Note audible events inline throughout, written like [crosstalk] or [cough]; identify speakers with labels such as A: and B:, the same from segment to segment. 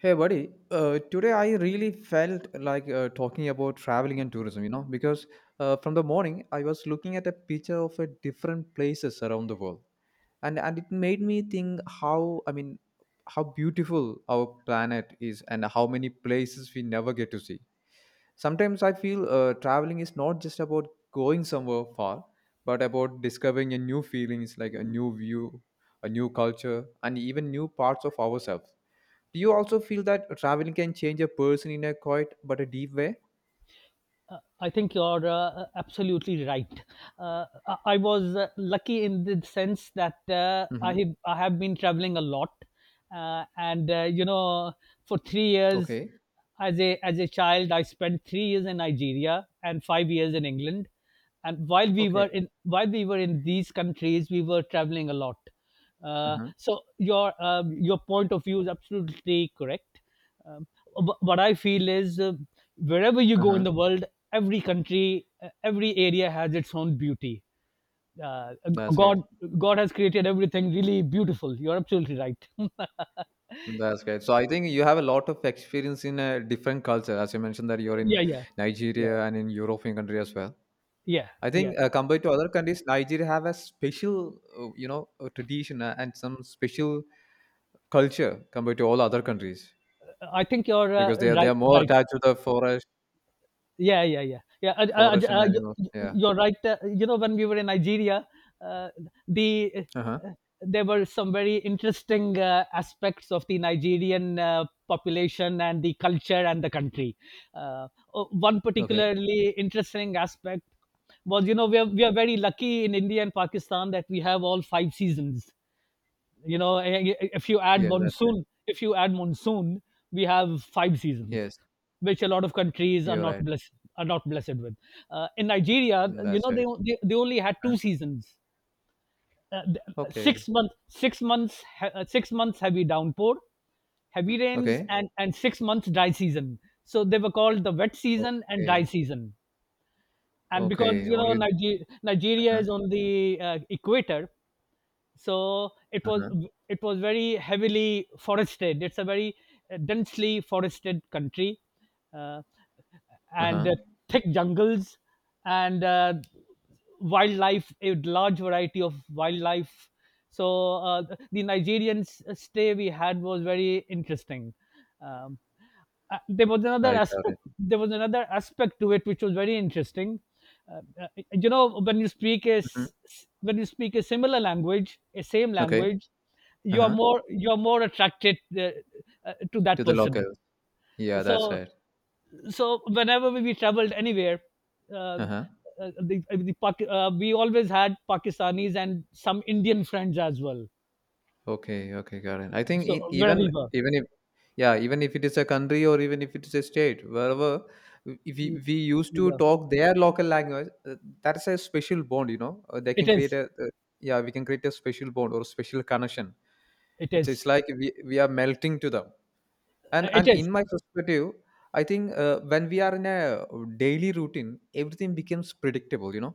A: Hey, buddy. Today I really felt like talking about traveling and tourism, you know, because from the morning I was looking at a picture of a different places around the world, and it made me think how how beautiful our planet is and how many places we never get to see. Sometimes I feel traveling is not just about going somewhere far, but about discovering a new feelings like a new view, a new culture, and even new parts of ourselves. Do you also feel that traveling can change a person in a quiet but a deep way?
B: I think you're absolutely right. I was lucky in the sense that I
A: Mm-hmm.
B: have, I have been traveling a lot, and for 3 years
A: Okay.
B: as a child, I spent 3 years in Nigeria and 5 years in England. And while we were
A: Okay.
B: in while we were in these countries, we were traveling a lot. Uh,
A: Uh-huh.
B: so your point of view is absolutely correct. Um, what I feel is wherever you go
A: Uh-huh.
B: in the world, every country, every area has its own beauty. Uh,
A: That's great.
B: God, God has created everything really beautiful. You're absolutely right. [laughs]
A: That's great. So I think you have a lot of experience in a different culture, as you mentioned that you're in
B: Yeah, yeah, yeah,
A: Nigeria and in European country as well.
B: yeah,
A: I
B: yeah.
A: think compared to other countries, Nigeria have a special, you know, tradition and some special culture compared to all other countries
B: I think you're
A: because they are they
B: right,
A: are more
B: right.
A: attached to the forest,
B: Yeah, yeah, yeah, yeah. Uh, uh,
A: forest and
B: uh, you,
A: animals. Yeah.
B: you- are right. When we were in Nigeria, uh, the
A: Uh huh.
B: uh, there were some very interesting aspects of the Nigerian population and the culture and the country. One
A: Okay.
B: particularly interesting aspect was, we are very lucky in India and Pakistan that we have all five seasons. you know if you add
A: Yes, that's right.
B: monsoon, we have five seasons,
A: Yes,
B: which a lot of countries are
A: you're
B: not
A: right.
B: blessed are not blessed with. In Nigeria,
A: In that side.
B: they only had two seasons. Uh, six
A: Okay.
B: months 6 months he- 6 months heavy downpour, heavy rains,
A: Okay.
B: and 6 months dry season, so they were called the wet season and dry
A: Okay.
B: season. And because
A: Okay. Only.
B: Nigeria
A: Uh-huh.
B: is on the equator, so it was
A: Uh-huh.
B: it was very heavily forested. It's a very densely forested country, uh, and
A: Uh-huh.
B: thick jungles, and wildlife, a large variety of wildlife. So the Nigerian stay we had was very interesting. um, there was another
A: I got
B: aspect
A: it.
B: there was another aspect to it which was very interesting.
A: Hmm.
B: When you speak a similar language, a same
A: Okay.
B: language, you are
A: Uh-huh.
B: more you are more attracted to that
A: To the
B: person.
A: locals. Yeah, that's
B: so
A: right.
B: so whenever we traveled anywhere, uh,
A: Uh-huh.
B: we always had Pakistanis and some Indian friends as well.
A: Okay. Okay. Got it. I think
B: So
A: in,
B: wherever
A: even
B: we were.
A: even if yeah, even if it is a country or even if it is a state, wherever if we,
B: y-
A: we used to
B: yeah.
A: talk their local language, that is a special bond. You know, they can
B: it
A: create
B: is
A: a yeah, we can create a special bond or special connection.
B: it
A: It's it's
B: is
A: like we we are melting to them. And
B: Uh, it
A: and
B: is
A: in my perspective I think when we are in a daily routine, everything becomes predictable, you know.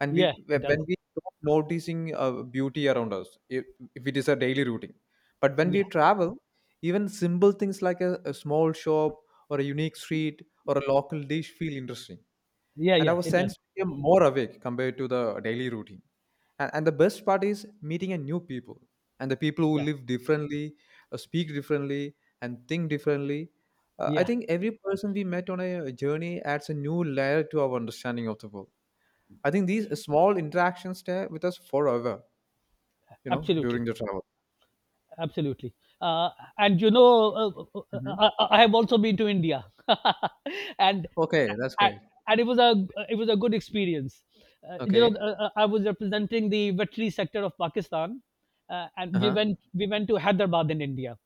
A: And we
B: Yeah, it
A: wh-
B: does.
A: when we stop noticing beauty around us, if it is a daily routine, but when we
B: Yeah.
A: travel, even simple things like a small shop or a unique street or a local dish feel interesting,
B: Yeah,
A: and
B: yeah,
A: our
B: it does.
A: sense became more awake compared to the daily routine. And the best part is meeting a new people and the people who
B: Yeah,
A: live differently, speak differently, and think differently. I
B: yeah,
A: think every person we met on a journey adds a new layer to our understanding of the world. I think these small interactions stay with us forever, you know, during
B: absolutely,
A: the travel.
B: absolutely. Uh, and
A: Hmm.
B: I have also been to India, [laughs] and
A: Okay, that's
B: and
A: great.
B: and it was a good experience.
A: Okay.
B: I was representing the veterinary sector of Pakistan, and
A: Uh
B: we
A: huh.
B: went we went to Hyderabad in India.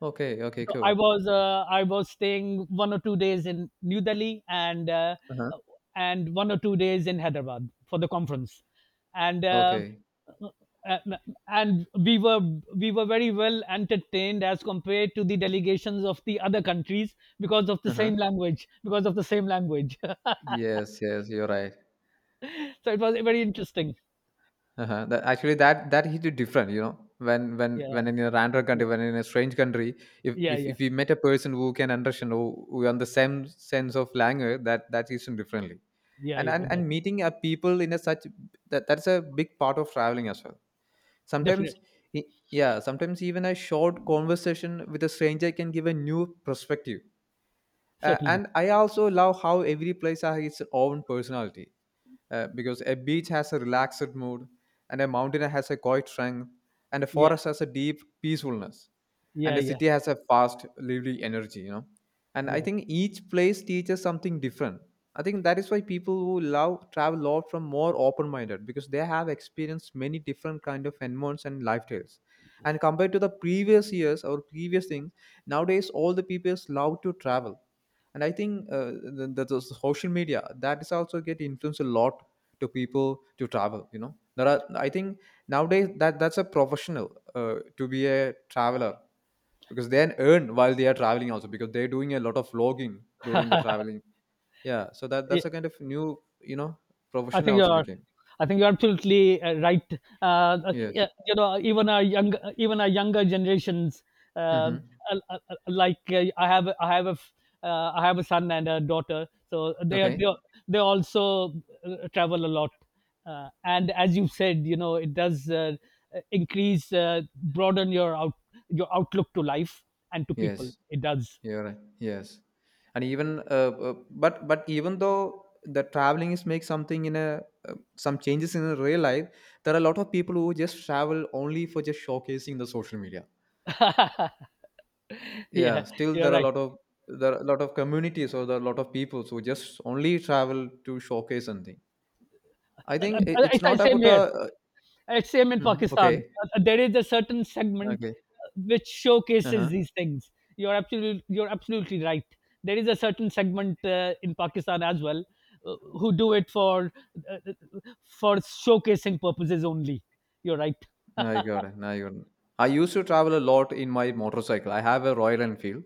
A: Okay. Okay.
B: So
A: Cool.
B: I was staying one or two days in New Delhi, and uh,
A: Uh huh.
B: and one or two days in Hyderabad for the conference. and. Uh,
A: Okay.
B: and and we were very well entertained as compared to the delegations of the other countries, because of the
A: Uh huh.
B: same language because of the same language [laughs]
A: Yes. Yes. You're right.
B: So it was very interesting.
A: Uh-huh. That, actually, that hit it different. You know, when when
B: Yeah,
A: when in a random country,
B: yeah,
A: when in a strange country, if
B: yeah,
A: if,
B: yeah,
A: if we met a person who can understand, who on the same sense of language, that is differently.
B: yeah.
A: And
B: Yeah,
A: and
B: it does.
A: and meeting a people in a such that's a big part of traveling as well. Sometimes,
B: Definitely.
A: i- yeah, sometimes even a short conversation with a stranger can give a new perspective.
B: Certainly.
A: And I also love how every place has its own personality, because a beach has a relaxed mood, and a mountain has a quiet strength, and a
B: Yeah,
A: forest has a deep peacefulness, and
B: yeah,
A: a
B: yeah,
A: city has a fast lively energy, you know. And I
B: yeah.
A: think each place teaches something different. I think that is why people who love travel a lot from more open minded, because they have experienced many different kind of environments and lifestyles. And compared to the previous years or previous things, nowadays all the people love to travel. And I think the, the social media that is also get influence a lot to people to travel, you know. There are, I think, nowadays that's a professional, to be a traveler, because they earn while they are traveling also, because they're doing a lot of vlogging during the traveling. Yeah, so that's a kind of new, you know,
B: I
A: profession I
B: think
A: also
B: you're
A: became.
B: I think you're absolutely right.
A: Yes.
B: Yeah, even our younger generations, um,
A: Mm-hmm.
B: uh, uh, uh, like uh, I have, I have a, f- I have a son and a daughter, so they are,
A: Okay.
B: they are, they also travel a lot, and as you said, it does broaden your outlook to life and to
A: Yes.
B: people. It does.
A: You're right. Yes, and even but even though the traveling is make something in a uh, some changes in a real life, there are a lot of people who just travel only for just showcasing the social media.
B: [laughs] Yeah,
A: Yeah, still
B: you're
A: there are a
B: right.
A: lot of, there are a lot of communities or there are a lot of people who just only travel to showcase something. I think it, it's
B: It's the
A: not
B: same
A: about a.
B: here. It's same in
A: Mhm.
B: Pakistan.
A: Okay.
B: There is a certain segment
A: Okay.
B: which
A: Uh
B: showcases
A: huh.
B: these things. You're absolutely right. There is a certain segment in Pakistan as well, who do it uh, uh, for showcasing purposes only. You're right.
A: I
B: [laughs]
A: got it. I got it. I used to travel a lot in my motorcycle. I have a Royal Enfield.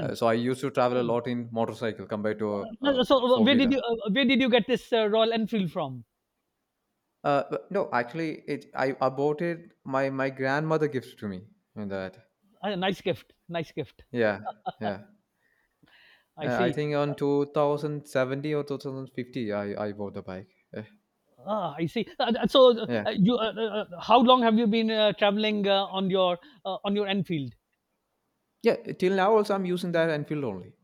A: So I used to travel a
B: Excellent.
A: lot in motorcycle compared to a
B: So
A: four wheeler.
B: where did you get this Royal Enfield from?
A: But no, actually, it I bought it. My grandmother gifted to me in that.
B: Nice gift. Nice gift.
A: Yeah, yeah.
B: I
A: I
B: see.
A: think on 2070 or 2050, I bought the bike. Uh,
B: Ah, I see. So
A: yeah,
B: you How long have you been traveling on your Enfield?
A: yeah. Till now, also I'm using that Enfield only.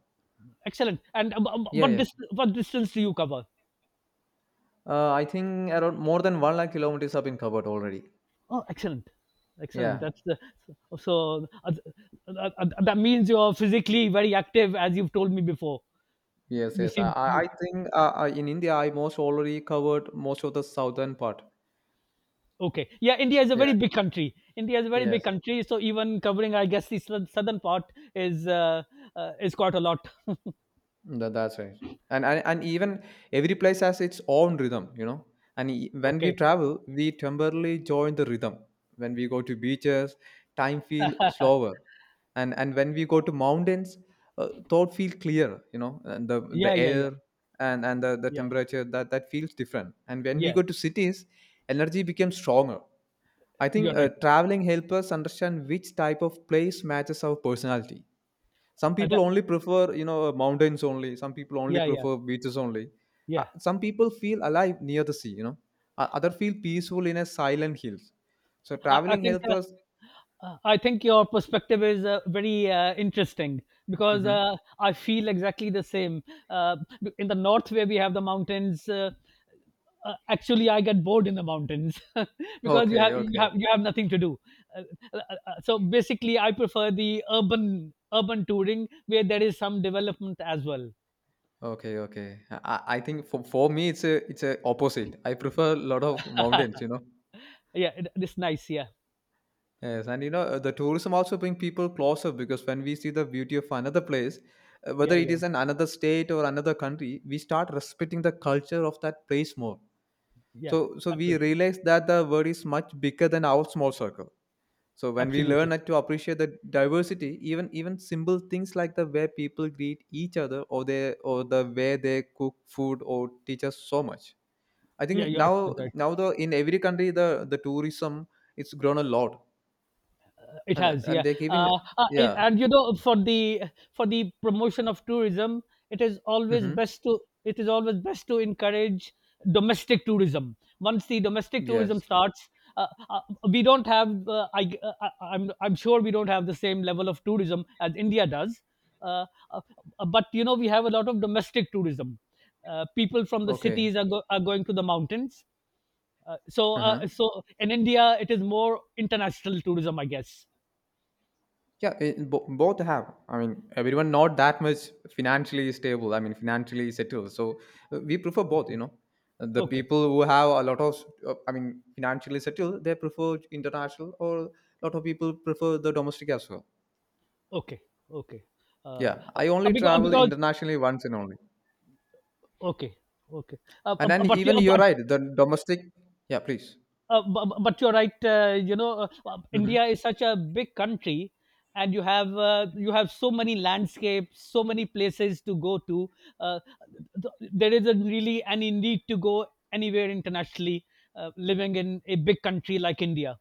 B: Excellent. And
A: Yeah, yeah.
B: what distance do you cover?
A: I think around more than one lakh kilometers have been covered already.
B: Oh, excellent, excellent.
A: Yeah.
B: That's the so That means you're physically very active, as you've told me before.
A: Yes,
B: You
A: yes. I,
B: seem
A: I I think in India, I most already covered most of the southern part.
B: Okay. Yeah, India is a very
A: Yeah.
B: big country. India is a very big
A: Yes.
B: country, so even covering, I guess, the southern part is uh, is quite a lot.
A: That's right. And even every place has its own rhythm, you know. And when we
B: Okay.
A: travel, we temporarily join the rhythm. When we go to beaches, time feel slower, and when we go to mountains, thought feel clear, you know. And the
B: Yeah, yeah, yeah,
A: air and the
B: yeah,
A: temperature that feels different. And when we
B: yeah.
A: go to cities, energy becomes stronger. I think
B: You're right.
A: traveling helps us understand which type of place matches our personality. Some
B: Uh,
A: people
B: that,
A: only prefer, you know, mountains only, some people only
B: yeah, yeah,
A: prefer beaches only,
B: yeah.
A: some people feel alive near the sea, you know. Other feel peaceful in a silent hills, so
B: I, I
A: traveling
B: think.
A: helps
B: Uh,
A: us.
B: I think your perspective is very interesting, because
A: Mhm.
B: I feel exactly the same. Uh, in the north, where we have the mountains, actually, I get bored in the mountains [laughs] because you
A: Okay,
B: have you
A: okay,
B: have you have nothing to do. Uh, uh, so basically, I prefer the urban touring where there is some development as well.
A: okay, okay. I think for me it's a, it's a opposite. I prefer a lot of
B: [laughs]
A: mountains, you know.
B: Yeah, it's nice. Yeah,
A: Yes, and you know the tourism also bring people closer, because when we see the beauty of another place, whether
B: yeah,
A: it
B: yeah,
A: is in another state or another country, we start respecting the culture of that place more.
B: yeah.
A: So, so we
B: Absolutely,
A: realize that the world is much bigger than our small circle. So when we
B: absolutely.
A: learn to appreciate the diversity, even even simple things like the way people greet each other, or they or the way they cook food, or teach us so much. I
B: Yeah,
A: think
B: you're
A: now
B: absolutely right.
A: now the in every country the tourism it's grown a lot,
B: It has,
A: and
B: yeah.
A: they're giving
B: It,
A: yeah.
B: and you know, For the promotion of tourism, it is always
A: Hmm.
B: best to encourage domestic tourism. Once the domestic tourism
A: Yes.
B: starts, uh, uh, we don't have. I- I'm sure we don't have the same level of tourism as India does. Uh, uh, but we have a lot of domestic tourism. People from the
A: Okay.
B: cities are going to the mountains. Uh, so
A: Uh huh.
B: uh, so in India, it is more international tourism, I guess.
A: Yeah, both have. I mean, everyone not that much financially stable. I mean, financially settled. So we prefer both. You know, the
B: Okay,
A: people who have a lot of, I mean, financially settled, they prefer international, or a lot of people prefer the domestic as well.
B: okay, okay. Uh,
A: Yeah,
B: uh,
A: I
B: uh,
A: only
B: because, uh,
A: travel
B: because
A: internationally once and only.
B: okay, okay. Uh, uh,
A: And
B: uh,
A: then
B: but you-
A: even
B: uh,
A: you're
B: but
A: right. The domestic. Yeah, please.
B: but you're right.
A: Mm-hmm.
B: India is such a big country, and you have so many landscapes, so many places to go to. Uh, there isn't really any need to go anywhere internationally. Living in a big country like India.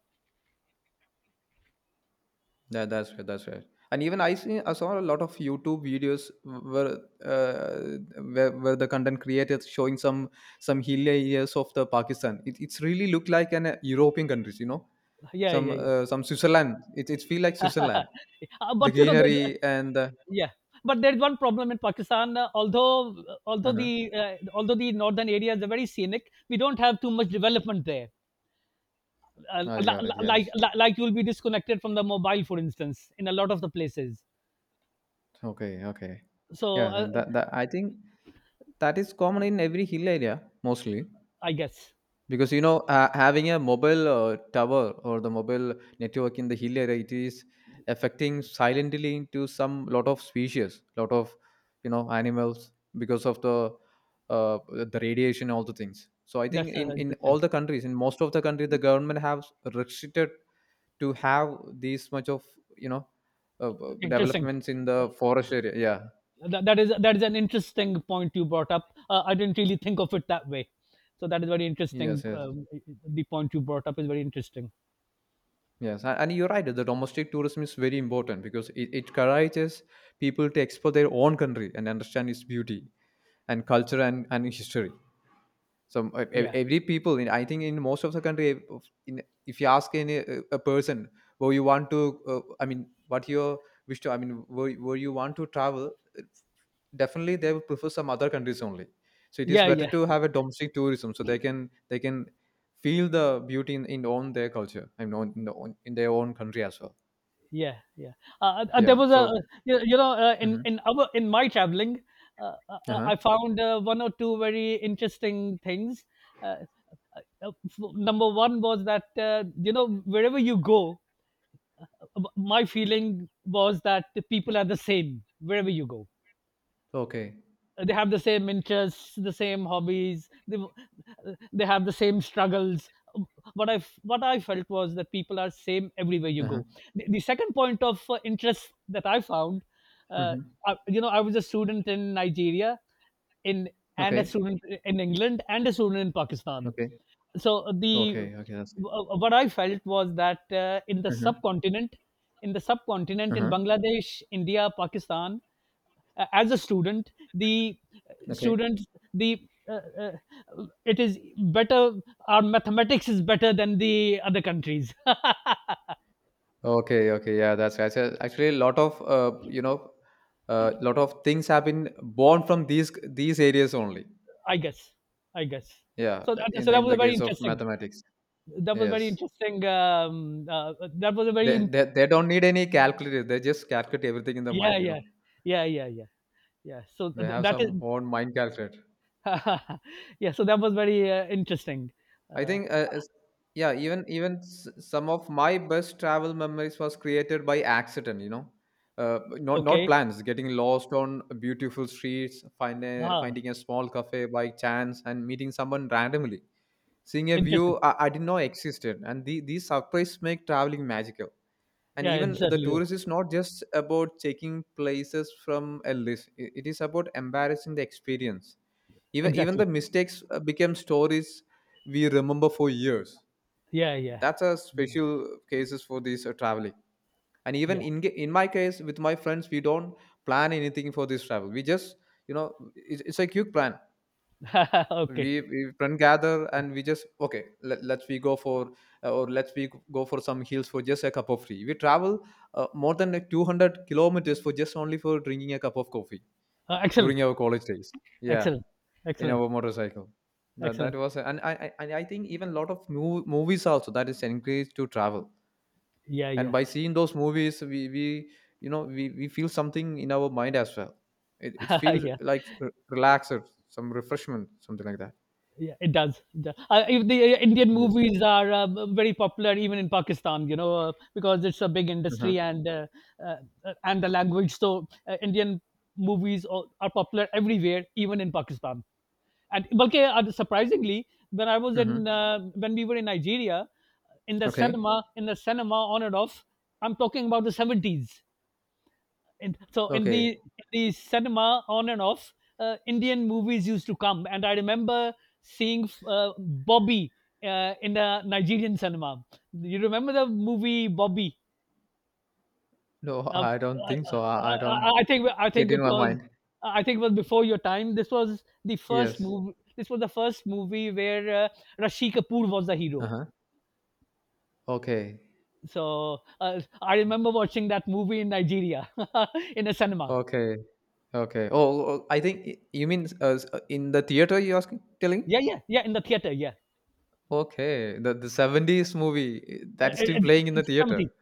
A: Yeah, that's right. That's right. And even I see, I saw a lot of YouTube videos uh, where the content creators showing some hilly areas of the Pakistan. It, it's really look like an European countries, you know,
B: Yeah, yeah, yeah.
A: some Switzerland. It feel like Switzerland.
B: [laughs]
A: The
B: But you know, there's
A: greenery and the.
B: Yeah, but there's one problem in Pakistan.
A: uh
B: Although the northern areas are very scenic, we don't have too much development there.
A: I got it. Yes.
B: Like you'll be disconnected from the mobile, for instance, in a lot of the places.
A: Okay. Okay.
B: So
A: Yeah. That, that I think that is common in every hill area mostly,
B: I guess
A: because you know having a mobile tower or the mobile network in the hill area, it is affecting silently into some lot of species, lot of, you know, animals, because of uh, the radiation, all the things. So I think
B: that's
A: in all
B: interesting.
A: the countries, in most of the country, the government have restricted to have these much of, you know,
B: Interesting.
A: developments in the
B: Uh,
A: forest area, yeah.
B: that is an interesting point you brought up. I didn't really think of it that way. So that is very interesting.
A: Yes, yes.
B: Um, the point you brought up is very interesting.
A: Yes, and you're right. The domestic tourism is very important, because it encourages people to explore their own country and understand its beauty and culture and history. So ev-
B: Yeah.
A: every people, in, I think, in most of the country, if you ask any a person where you want to, I mean, what you wish to, I mean, where you want to travel, definitely they would prefer some other countries only, so it is
B: Yeah.
A: better
B: Yeah.
A: to have a domestic tourism so they can feel the beauty in own their culture, I mean on, in, the, own in their own country as well,
B: Yeah, yeah. There
A: yeah
B: was a
A: so
B: in
A: mhm.
B: in our in my traveling,
A: Uh-huh.
B: I found one or two very interesting things. Uh, Number one was that, wherever you go, my feeling was that the people are the same wherever you go.
A: Okay.
B: They have the same interests, the same hobbies, they have the same struggles. What I felt was that people are same everywhere you
A: Uh-huh.
B: go. The second point of interest that I found, uh,
A: Hmm.
B: you know, I was a student in Nigeria, in and a
A: Okay,
B: student in England, and a student in Pakistan.
A: okay,
B: So
A: okay, okay, that's—
B: what I felt was that in the
A: Uh-huh.
B: subcontinent in the subcontinent in
A: Uh-huh.
B: Bangladesh, India, Pakistan, as a student, the
A: Okay,
B: students, the it is better. Our mathematics is better than the other countries.
A: okay, okay, yeah, that's right. So actually a lot of you know, a lot of things have been born from these areas only.
B: [laughs] I guess, I guess,
A: Yeah, in
B: so
A: the case of mathematics.
B: that was very
A: Yes.
B: interesting. That was a very in-
A: They don't need any calculator. They just calculate everything in the mind,
B: Yeah,
A: you know.
B: yeah, yeah, yeah, yeah, yeah, so
A: They have
B: that is.
A: some own mind calculator.
B: [laughs] Yeah, so that was very interesting.
A: I
B: uh,
A: think, uh, s- yeah, even some of my best travel memories was created by accident, you know. Not
B: okay.
A: plans, getting lost on beautiful streets,
B: Ah,
A: finding a small cafe by chance, and meeting someone randomly, seeing a view
B: interesting.
A: I didn't know existed, and these surprises make traveling magical. And
B: Yeah, it
A: even the
B: certainly do.
A: tourist is not just about checking places from a list. It is about embarrassing the experience. Even
B: Exactly.
A: the mistakes become stories we remember for years.
B: Yeah, yeah,
A: That's a
B: yeah,
A: special cases for this traveling. And even in my case, with my friends, we don't plan anything for this travel. We just, you know, it's a quick plan.
B: yeah. [laughs] Okay.
A: We friend gather, and we just okay, let's we go for or let's we go for some hills for just a cup of tea. We travel more than like 200 kilometers for just only for drinking a cup of coffee during
B: Excellent.
A: our college days. Yeah,
B: Excellent,
A: in
B: excellent,
A: our motorcycle. That
B: excellent.
A: was. And and I think even a lot of movies also that is encouraged to travel.
B: Yeah,
A: And
B: yeah,
A: by seeing those movies, we you know, we feel something in our mind as well. It
B: [laughs]
A: feels
B: yeah,
A: like relaxed, some refreshment, something like that.
B: yeah. It does. It does. If the Indian
A: Yes.
B: movies are very popular even in Pakistan, because it's a big industry
A: Mm-hmm.
B: and uh, the language. So Indian movies are popular everywhere, even in Pakistan. And okay, surprisingly,
A: Mm-hmm.
B: when we were in Nigeria,
A: Okay.
B: in the cinema, on and off, I'm talking about the 70s. And so in the
A: Okay.
B: in the cinema, on and off, Indian movies used to come, and I remember seeing Bobby in a Nigerian cinema. You remember the movie Bobby?
A: No,
B: Uh, uh,
A: I don't think so. I
B: uh,
A: don't
B: uh, I think I
A: get
B: think
A: in
B: it
A: my
B: was
A: mind.
B: I think it was before your time. This was the first
A: Yes.
B: movie. This was the first movie where Rashi Kapoor was the hero.
A: Uh-huh. Okay.
B: So I remember watching that movie in Nigeria [laughs] in a cinema.
A: Okay. Okay. Oh, oh, I think you mean in the theater you're asking, telling?
B: Yeah, yeah, yeah, in the theater. Yeah,
A: Okay. The 70s movie, eh,
B: uh, uh,
A: that is still
B: in,
A: playing in the
B: in
A: theater.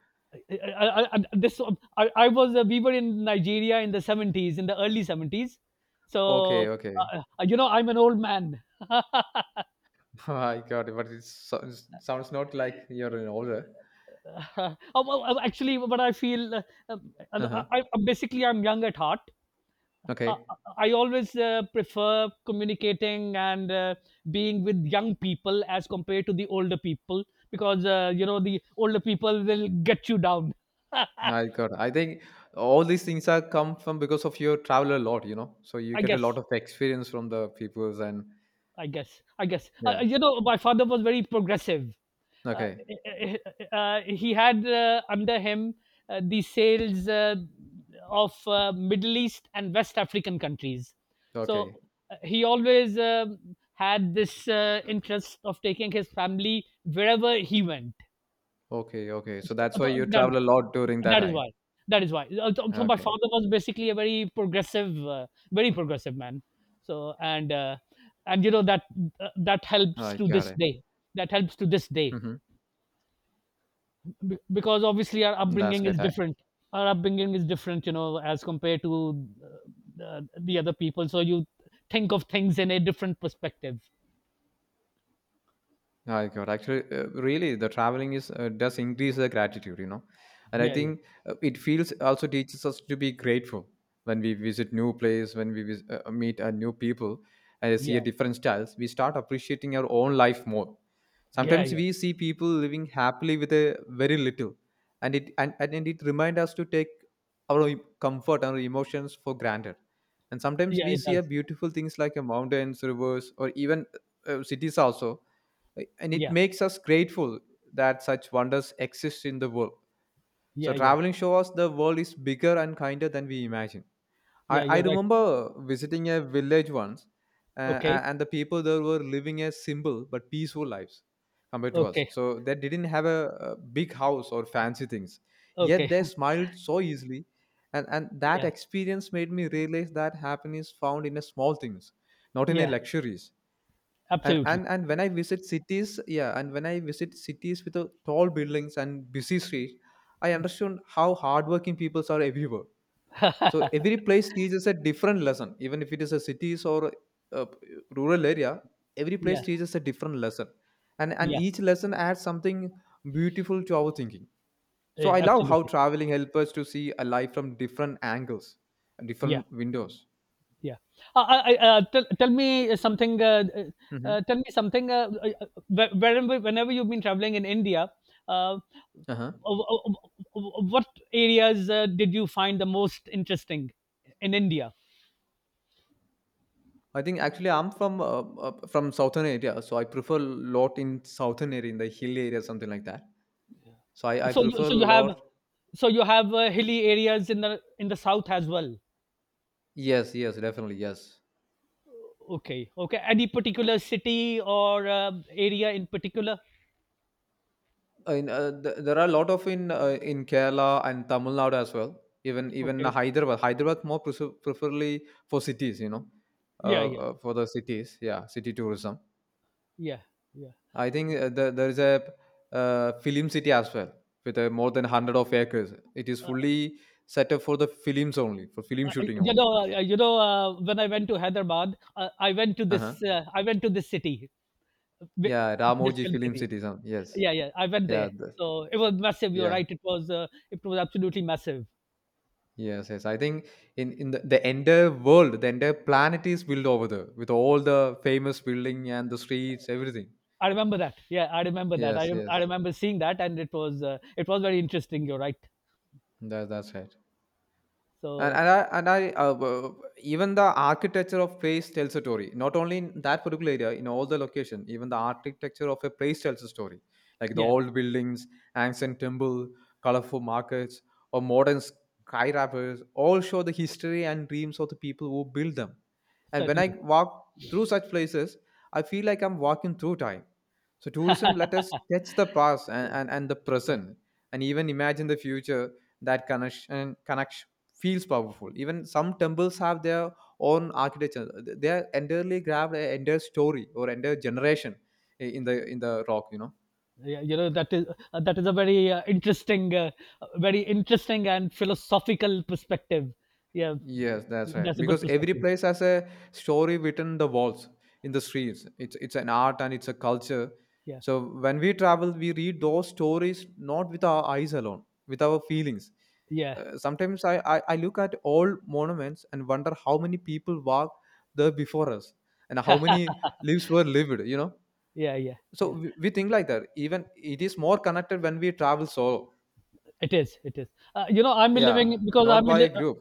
B: I, I, this I was we were in Nigeria in the 70s, in the early 70s,
A: Okay,
B: so
A: okay.
B: you know I'm an old man. [laughs]
A: [laughs] I got it, but it sounds not like you're an older.
B: Well, actually, what I feel,
A: Uh-huh.
B: basically I'm young at heart. uh,
A: Okay.
B: I always prefer communicating and being with young people as compared to the older people, because you know the older people will get you down. [laughs] I
A: Yeah, I got. I think all these things are come from because of your travel a lot, you know. So you get a lot
B: guess
A: of experience from the peoples, and
B: I guess.
A: yeah.
B: You know, my father was very progressive. Uh,
A: Okay.
B: he had, under him, the sales of Middle East and West African countries. So
A: Okay.
B: he always had this interest of taking his family wherever he went.
A: Okay. Okay. So that's why
B: Th
A: you
B: that
A: travel a lot during that
B: that is
A: time.
B: why. That is why. So my
A: Okay.
B: father was basically a very progressive man. So and you know that
A: Oh,
B: helps
A: I
B: to
A: got
B: this
A: it.
B: day. That helps to this day.
A: Hmm.
B: Because obviously our
A: That's
B: upbringing
A: great.
B: is different. Our upbringing is different, as compared to uh, uh, the other people. So you think of things in a different perspective.
A: Ah, I got. Actually, really the traveling is, does increase the gratitude, you know. And I
B: Yeah, yeah,
A: think it feels also teaches us to be grateful when we visit new place, when we meet new people, and see a
B: yeah,
A: different styles. We start appreciating our own life more.
B: yeah,
A: Sometimes
B: yeah,
A: we see people living happily with a very little, and it, and it remind us to take our comfort and our emotions for granted. And sometimes
B: yeah.
A: we
B: It
A: see
B: does.
A: a beautiful things like a mountains, rivers, or even cities also. And it
B: Yeah,
A: makes us grateful that such wonders exist in the world, so
B: yeah, yeah,
A: traveling shows us the world is bigger and kinder than we imagine.
B: yeah.
A: I
B: You're right.
A: remember visiting a village once,
B: Okay,
A: and the people there were living a simple but peaceful lives compared to us.
B: okay,
A: So they didn't have a big house or fancy things, yet
B: okay.
A: they smiled so easily, and that
B: [laughs] Yeah.
A: experience made me realize that happiness found in the small things, not in the
B: Yeah,
A: luxuries. And,
B: absolutely.
A: and when I visit cities, yeah, and when I visit cities with tall buildings and busy streets, I understand how hardworking people are everywhere. So every place teaches a different lesson, even if it is a cities or a rural area. Every place
B: Yeah,
A: teaches a different lesson, and
B: yeah,
A: each lesson adds something beautiful to our thinking. So I
B: yeah,
A: love how
B: absolutely.
A: traveling helps us to see a life from different angles,
B: Yeah,
A: different windows.
B: yeah. Tell me something.
A: Hmm.
B: Tell me something. Whenever you've been traveling in India, uh, uh,
A: Uh-huh.
B: w- w- what areas did you find the most interesting in India?
A: I think actually I'm from southern area, so I prefer lot in southern area in the hill area, something like that. So I
B: So you,
A: prefer
B: so you have,
A: lot.
B: so you have hilly areas in the south as well.
A: Yes, yes, definitely yes.
B: Okay, okay. Any particular city or area in particular?
A: There are a lot of in Kerala and Tamil Nadu as well. Even
B: Okay.
A: Hyderabad, more preferably for cities, you know,
B: Yeah, yeah,
A: for the cities. Yeah, city tourism.
B: yeah, yeah.
A: I think there is a film city as well, with more than 100 of acres. It is
B: uh,
A: fully set up for the films only, for film
B: uh,
A: shooting only.
B: when I went to Hyderabad,
A: Uh-huh.
B: I went to this city, wi-
A: Yeah,
B: this
A: Ramoji
B: film
A: Film
B: city.
A: City, some— Yes.
B: Yeah, yeah, I went
A: Yeah.
B: there. So it was massive. You're
A: Yeah.
B: right. It was absolutely massive.
A: Yes, yes. I think in, the entire world, the entire planet is built over there, with all the famous building and the streets, everything.
B: I remember that. Yeah, I remember that.
A: Yes, yes.
B: I remember seeing that, and it was very interesting. You're right.
A: That, that's right. And,
B: So
A: and I even the architecture of place tells a story. Not only in that particular area, in all the location, even the architecture of a place tells a story. Like the
B: yeah,
A: old buildings, ancient temple, colorful markets, or modern skyscrapers, all show the history and dreams of the people who built them. And when I
B: certainly.
A: walk through such places, I feel like I'm walking through time. So tourism let us touch the past,
B: Yeah,
A: and the
B: yeah,
A: present, and even imagine the future. That connection connects feels powerful. Even some temples have their own architecture. They are entirely grabbed an entire story or entire generation, in the rock, you know.
B: yeah. You know, that is a very interesting, very interesting and philosophical perspective. Yeah,
A: Yes, that's right.
B: that's a good
A: Because every
B: perspective.
A: place has a story within the walls, in the streets. It's an art and it's a culture.
B: Yeah.
A: So when we travel, we read those stories not with our eyes alone, with our feelings.
B: Yeah,
A: Sometimes I look at old monuments and wonder how many people walked there before us, and how many lives were lived, you know.
B: yeah, yeah,
A: So
B: yeah.
A: we think like that, even it is more connected when we travel solo,
B: It is, it is. I'm
A: yeah,
B: living because
A: not
B: I'm
A: by a
B: li-
A: group.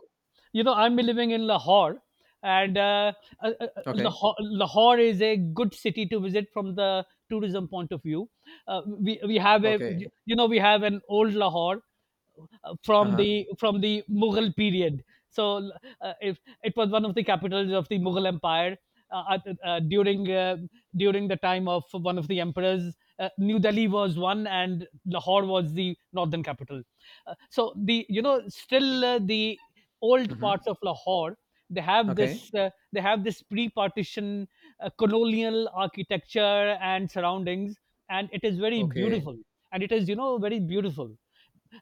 B: you know I'm living in Lahore, and
A: Okay.
B: Lahore is a good city to visit from the tourism point of view. We have a
A: Okay.
B: you know we have an old Lahore from
A: Uh-huh.
B: the Mughal period. So if it was one of the capitals of the Mughal Empire uh, uh, during uh, during the time of one of the emperors. New Delhi was one, and Lahore was the northern capital. So the you know still, the old
A: Mm-hmm.
B: parts of Lahore,
A: Okay.
B: they have this pre-partition, colonial architecture and surroundings, and it is very
A: Okay.
B: beautiful. And it is very beautiful.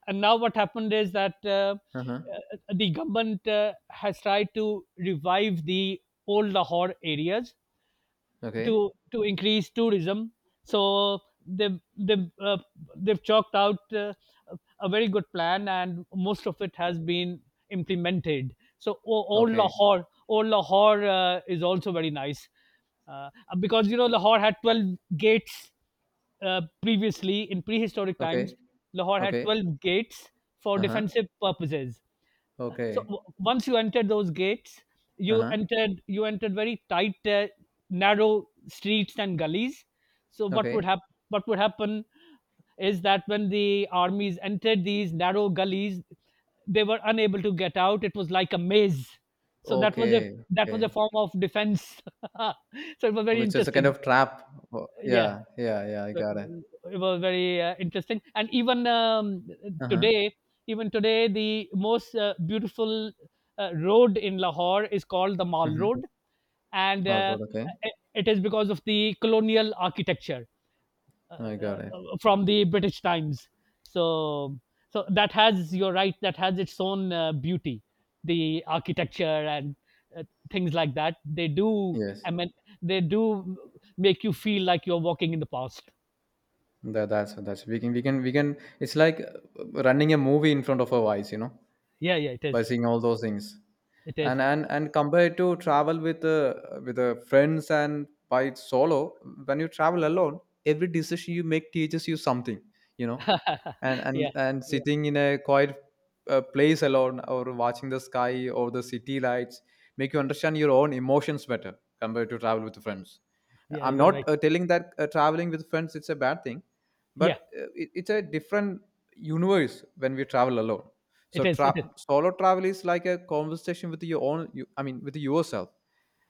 B: And now what happened is that
A: Uh-huh.
B: the government has tried to revive the old Lahore areas
A: Okay.
B: to increase tourism. So they they uh, they've chalked out a very good plan, and most of it has been implemented. So o- old
A: Okay.
B: Lahore, old Lahore uh, is also very nice, uh, because you know Lahore had 12 gates, previously in prehistoric times.
A: Okay.
B: Lahore had
A: Okay.
B: 12 gates for
A: Uh-huh.
B: defensive purposes. So
A: Okay.
B: once you entered those gates, you
A: Uh-huh.
B: entered you entered very tight, narrow streets and gullies. So what would
A: Okay.
B: happen? What would happen is that when the armies entered these narrow gullies, they were unable to get out. It was like a maze. So
A: Okay.
B: that was a
A: Okay.
B: form of defense. [laughs] So it was very
A: Okay, so it's a kind
B: interesting.
A: of trap. Oh, yeah,
B: Yeah.
A: yeah, yeah, I
B: So,
A: got it.
B: it was very interesting, and
A: Uh-huh.
B: today even today the most beautiful road in Lahore is called the Mall
A: Mm-hmm.
B: Road, and
A: All right. Okay.
B: it is because of the colonial architecture
A: I got it.
B: from the British times. So so that has, you're right, that has its own beauty, the architecture and uh, things like that. They do,
A: Yes.
B: I mean, they do make you feel like you're walking in the past.
A: That's we can, we can, it's like running a movie in front of our eyes, you know,
B: Yeah, yeah, it
A: by
B: is.
A: seeing all those things.
B: It
A: And
B: is.
A: compared to travel with friends, and by solo, when you travel alone, every decision you make teaches you something, you know. And
B: [laughs] Yeah. Yeah.
A: sitting in a quiet place alone, or watching the sky or the city lights, make you understand your own emotions better compared to travel with friends.
B: Yeah,
A: I'm
B: you're
A: not
B: right.
A: telling that traveling with friends it's a bad thing,
B: Yeah,
A: but it's a different universe when we travel alone. So
B: it is. It is.
A: solo travel is like a conversation with your own. You, I mean, with yourself,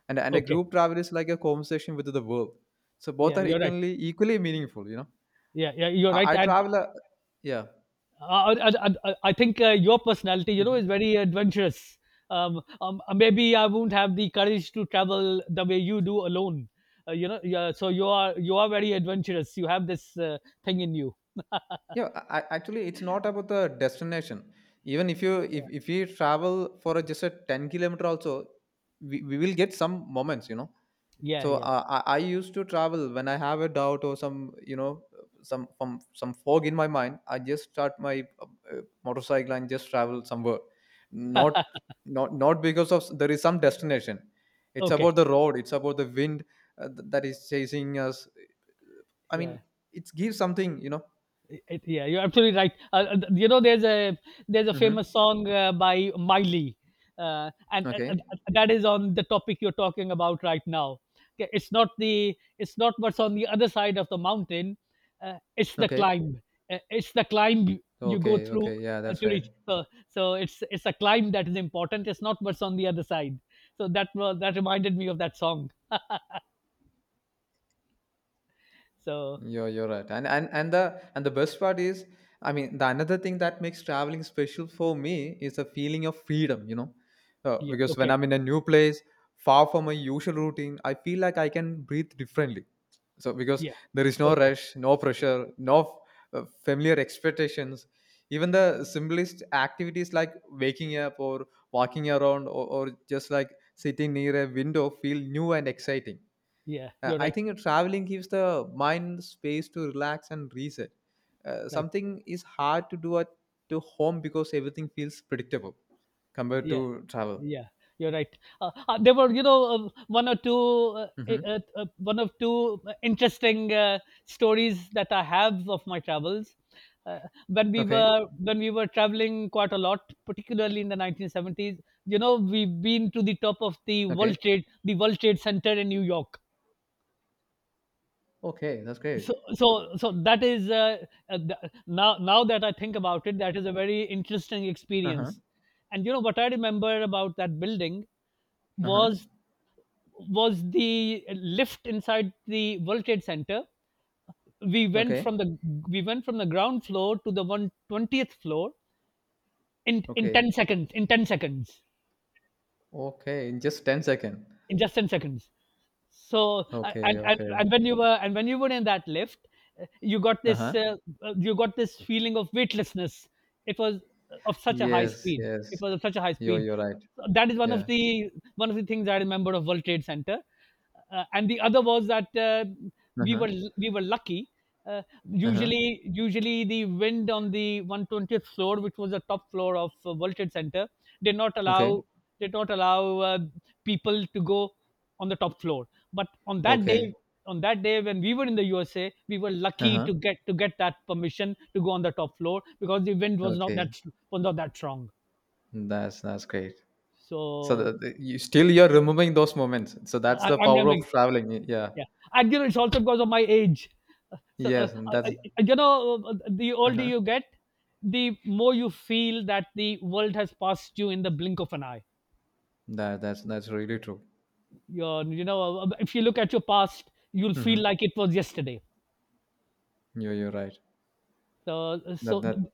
A: and a
B: Okay.
A: group travel is like a conversation with the world. So both
B: Yeah,
A: are
B: you're right.
A: equally meaningful, you know.
B: Yeah, yeah, you're right.
A: I
B: And
A: travel. A, yeah.
B: I think your personality,
A: Mm-hmm.
B: is very adventurous. Maybe I won't have the courage to travel the way you do alone. You know, yeah, so you are very adventurous. You have this thing in you.
A: Yeah, actually, it's not about the destination. Even if you, if you travel for a, just a 10 kilometer, also we will get some moments, you know.
B: Yeah,
A: So
B: yeah.
A: I used to travel when I have a doubt or some, you know, some, from some fog in my mind. I just start my motorcycle and just travel somewhere. Not because of there is some destination. It's
B: Okay.
A: about the road. It's about the wind that is chasing us. I
B: Yeah.
A: mean, it gives something, you know.
B: Yeah, you're absolutely right. You know, there's a
A: Hmm.
B: famous song by Miley, uh, and uh,
A: Okay.
B: uh, that is on the topic you're talking about right now. Okay, it's not what's on the other side of the mountain. It's the
A: Okay.
B: climb. It's the climb you go
A: Okay.
B: through
A: Okay. Yeah, that's
B: to
A: right.
B: reach. So, it's a climb that is important. It's not what's on the other side. So that reminded me of that song. So
A: You're right. And the best part is, I mean, the another thing that makes traveling special for me is the feeling of freedom, you know.
B: yeah,
A: Because when
B: okay,
A: I'm in a new place, far from my usual routine, I feel like I can breathe differently. So because
B: yeah,
A: there is no
B: okay,
A: rush, no pressure, no familiar expectations. Even the simplest activities like waking up, or walking around, or just like sitting near a window, feel new and exciting.
B: yeah, you're
A: I
B: right,
A: think traveling gives the mind space to relax and reset.
B: right,
A: Something is hard to do at to home, because everything feels predictable compared
B: yeah.
A: to travel.
B: Yeah, you're right. There were, one or two, eh,
A: Hmm.
B: one of two interesting stories that I have of my travels. Uh, when we
A: Okay.
B: were when we were traveling quite a lot, particularly in the 1970s, you know, we've been to the top of
A: Okay.
B: The World Trade Center in New York.
A: Okay. That's great.
B: So that is th- now now that I think about it, that is a very interesting
A: Uh huh.
B: experience. And you know what I remember about that building
A: Uh huh.
B: was was the lift inside the World Trade Center. We went
A: Okay.
B: from the we went from the ground floor to the 120th floor in
A: Okay.
B: 10 seconds,
A: Okay. In just 10 seconds.
B: in just 10 seconds. So a-
A: Okay.
B: and and,
A: Okay.
B: and when you were in that lift, uh, you got
A: Uh
B: this
A: huh.
B: uh, you got this feeling of weightlessness. It was of such a high
A: Yes.
B: speed. It
A: Yes.
B: was of such a high speed
A: You're right.
B: That is one of
A: Yeah.
B: the things I remember of World Trade Center. And the other was that
A: Uh
B: we
A: huh.
B: were we were lucky. uh,
A: Uh huh.
B: usually usually the wind on the 120th floor, which was the top floor of World Trade Center, did not
A: Okay.
B: allow did not allow people to go on the top floor. But on that day,
A: Okay.
B: when we were in the USA, we were
A: Uh
B: lucky
A: huh.
B: to get that permission to go on the top floor because the wind
A: Okay.
B: was not that strong.
A: That's great. So
B: So
A: you still you're remembering those moments. So that's the
B: I'm
A: power
B: never.
A: of traveling. Yeah.
B: Yeah, and you know it's also because of my age. So
A: Yes, and that's
B: the older
A: uh
B: you get, the more you feel that the world has passed you in the blink of an eye.
A: that that's really true.
B: If you look at your past, you'll feel
A: Mm-hmm.
B: like it was yesterday.
A: You're right.
B: So,
A: That
B: so
A: that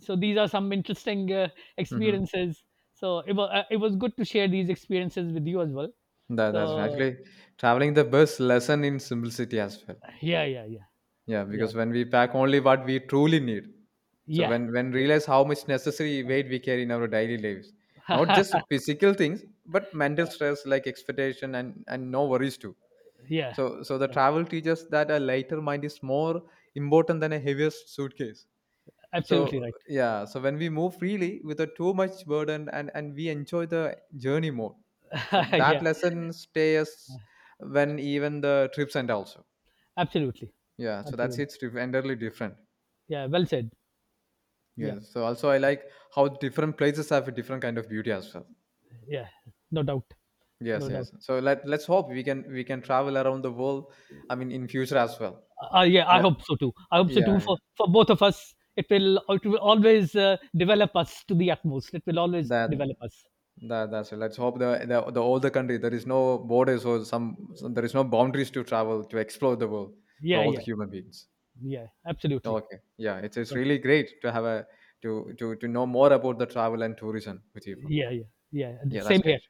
B: so these are some interesting
A: Mm-hmm.
B: experiences. So it was good to share these experiences with you as well.
A: that that's
B: So
A: Actually, traveling the best lesson in simplicity as well.
B: yeah, yeah, yeah,
A: Yeah,
B: yeah,
A: because when we pack only what we truly need. So
B: yeah,
A: when realize how much necessary weight we carry in our daily lives, not just
B: yeah.
A: physical things, but mental
B: [laughs]
A: stress like expectation, and no worries too.
B: Yeah,
A: So, the
B: yeah.
A: travel teaches that a lighter mind is more important than a heavier suitcase.
B: Absolutely
A: So,
B: right.
A: yeah. So when we move freely without too much burden, and we enjoy the journey more. So
B: [laughs]
A: that
B: Yeah,
A: lesson stays when even the trips end also.
B: absolutely,
A: Yeah. So that's
B: absolutely.
A: it's entirely different.
B: Yeah, well said. Yeah,
A: Yes. So also I like how different places have a different kind of beauty as well.
B: yeah. No doubt.
A: Yes.
B: No doubt.
A: Yes. So let's hope we can travel around the world. I mean, in future as well.
B: Yeah,
A: Let-
B: I hope so too
A: yeah, yeah.
B: for both of us. It will always develop us to the utmost. It will always
A: That
B: develop us.
A: That, that's it. Let's hope the all the country, there is no borders, or some, there is no boundaries to travel, to explore the world for
B: Yeah,
A: all the
B: yeah,
A: human beings.
B: yeah, absolutely.
A: Okay, yeah, it's
B: Okay.
A: really great to have a, to to know more about the travel and tourism with you, bro.
B: Yeah, yeah, yeah.
A: Yeah, that's
B: Same here.
A: great.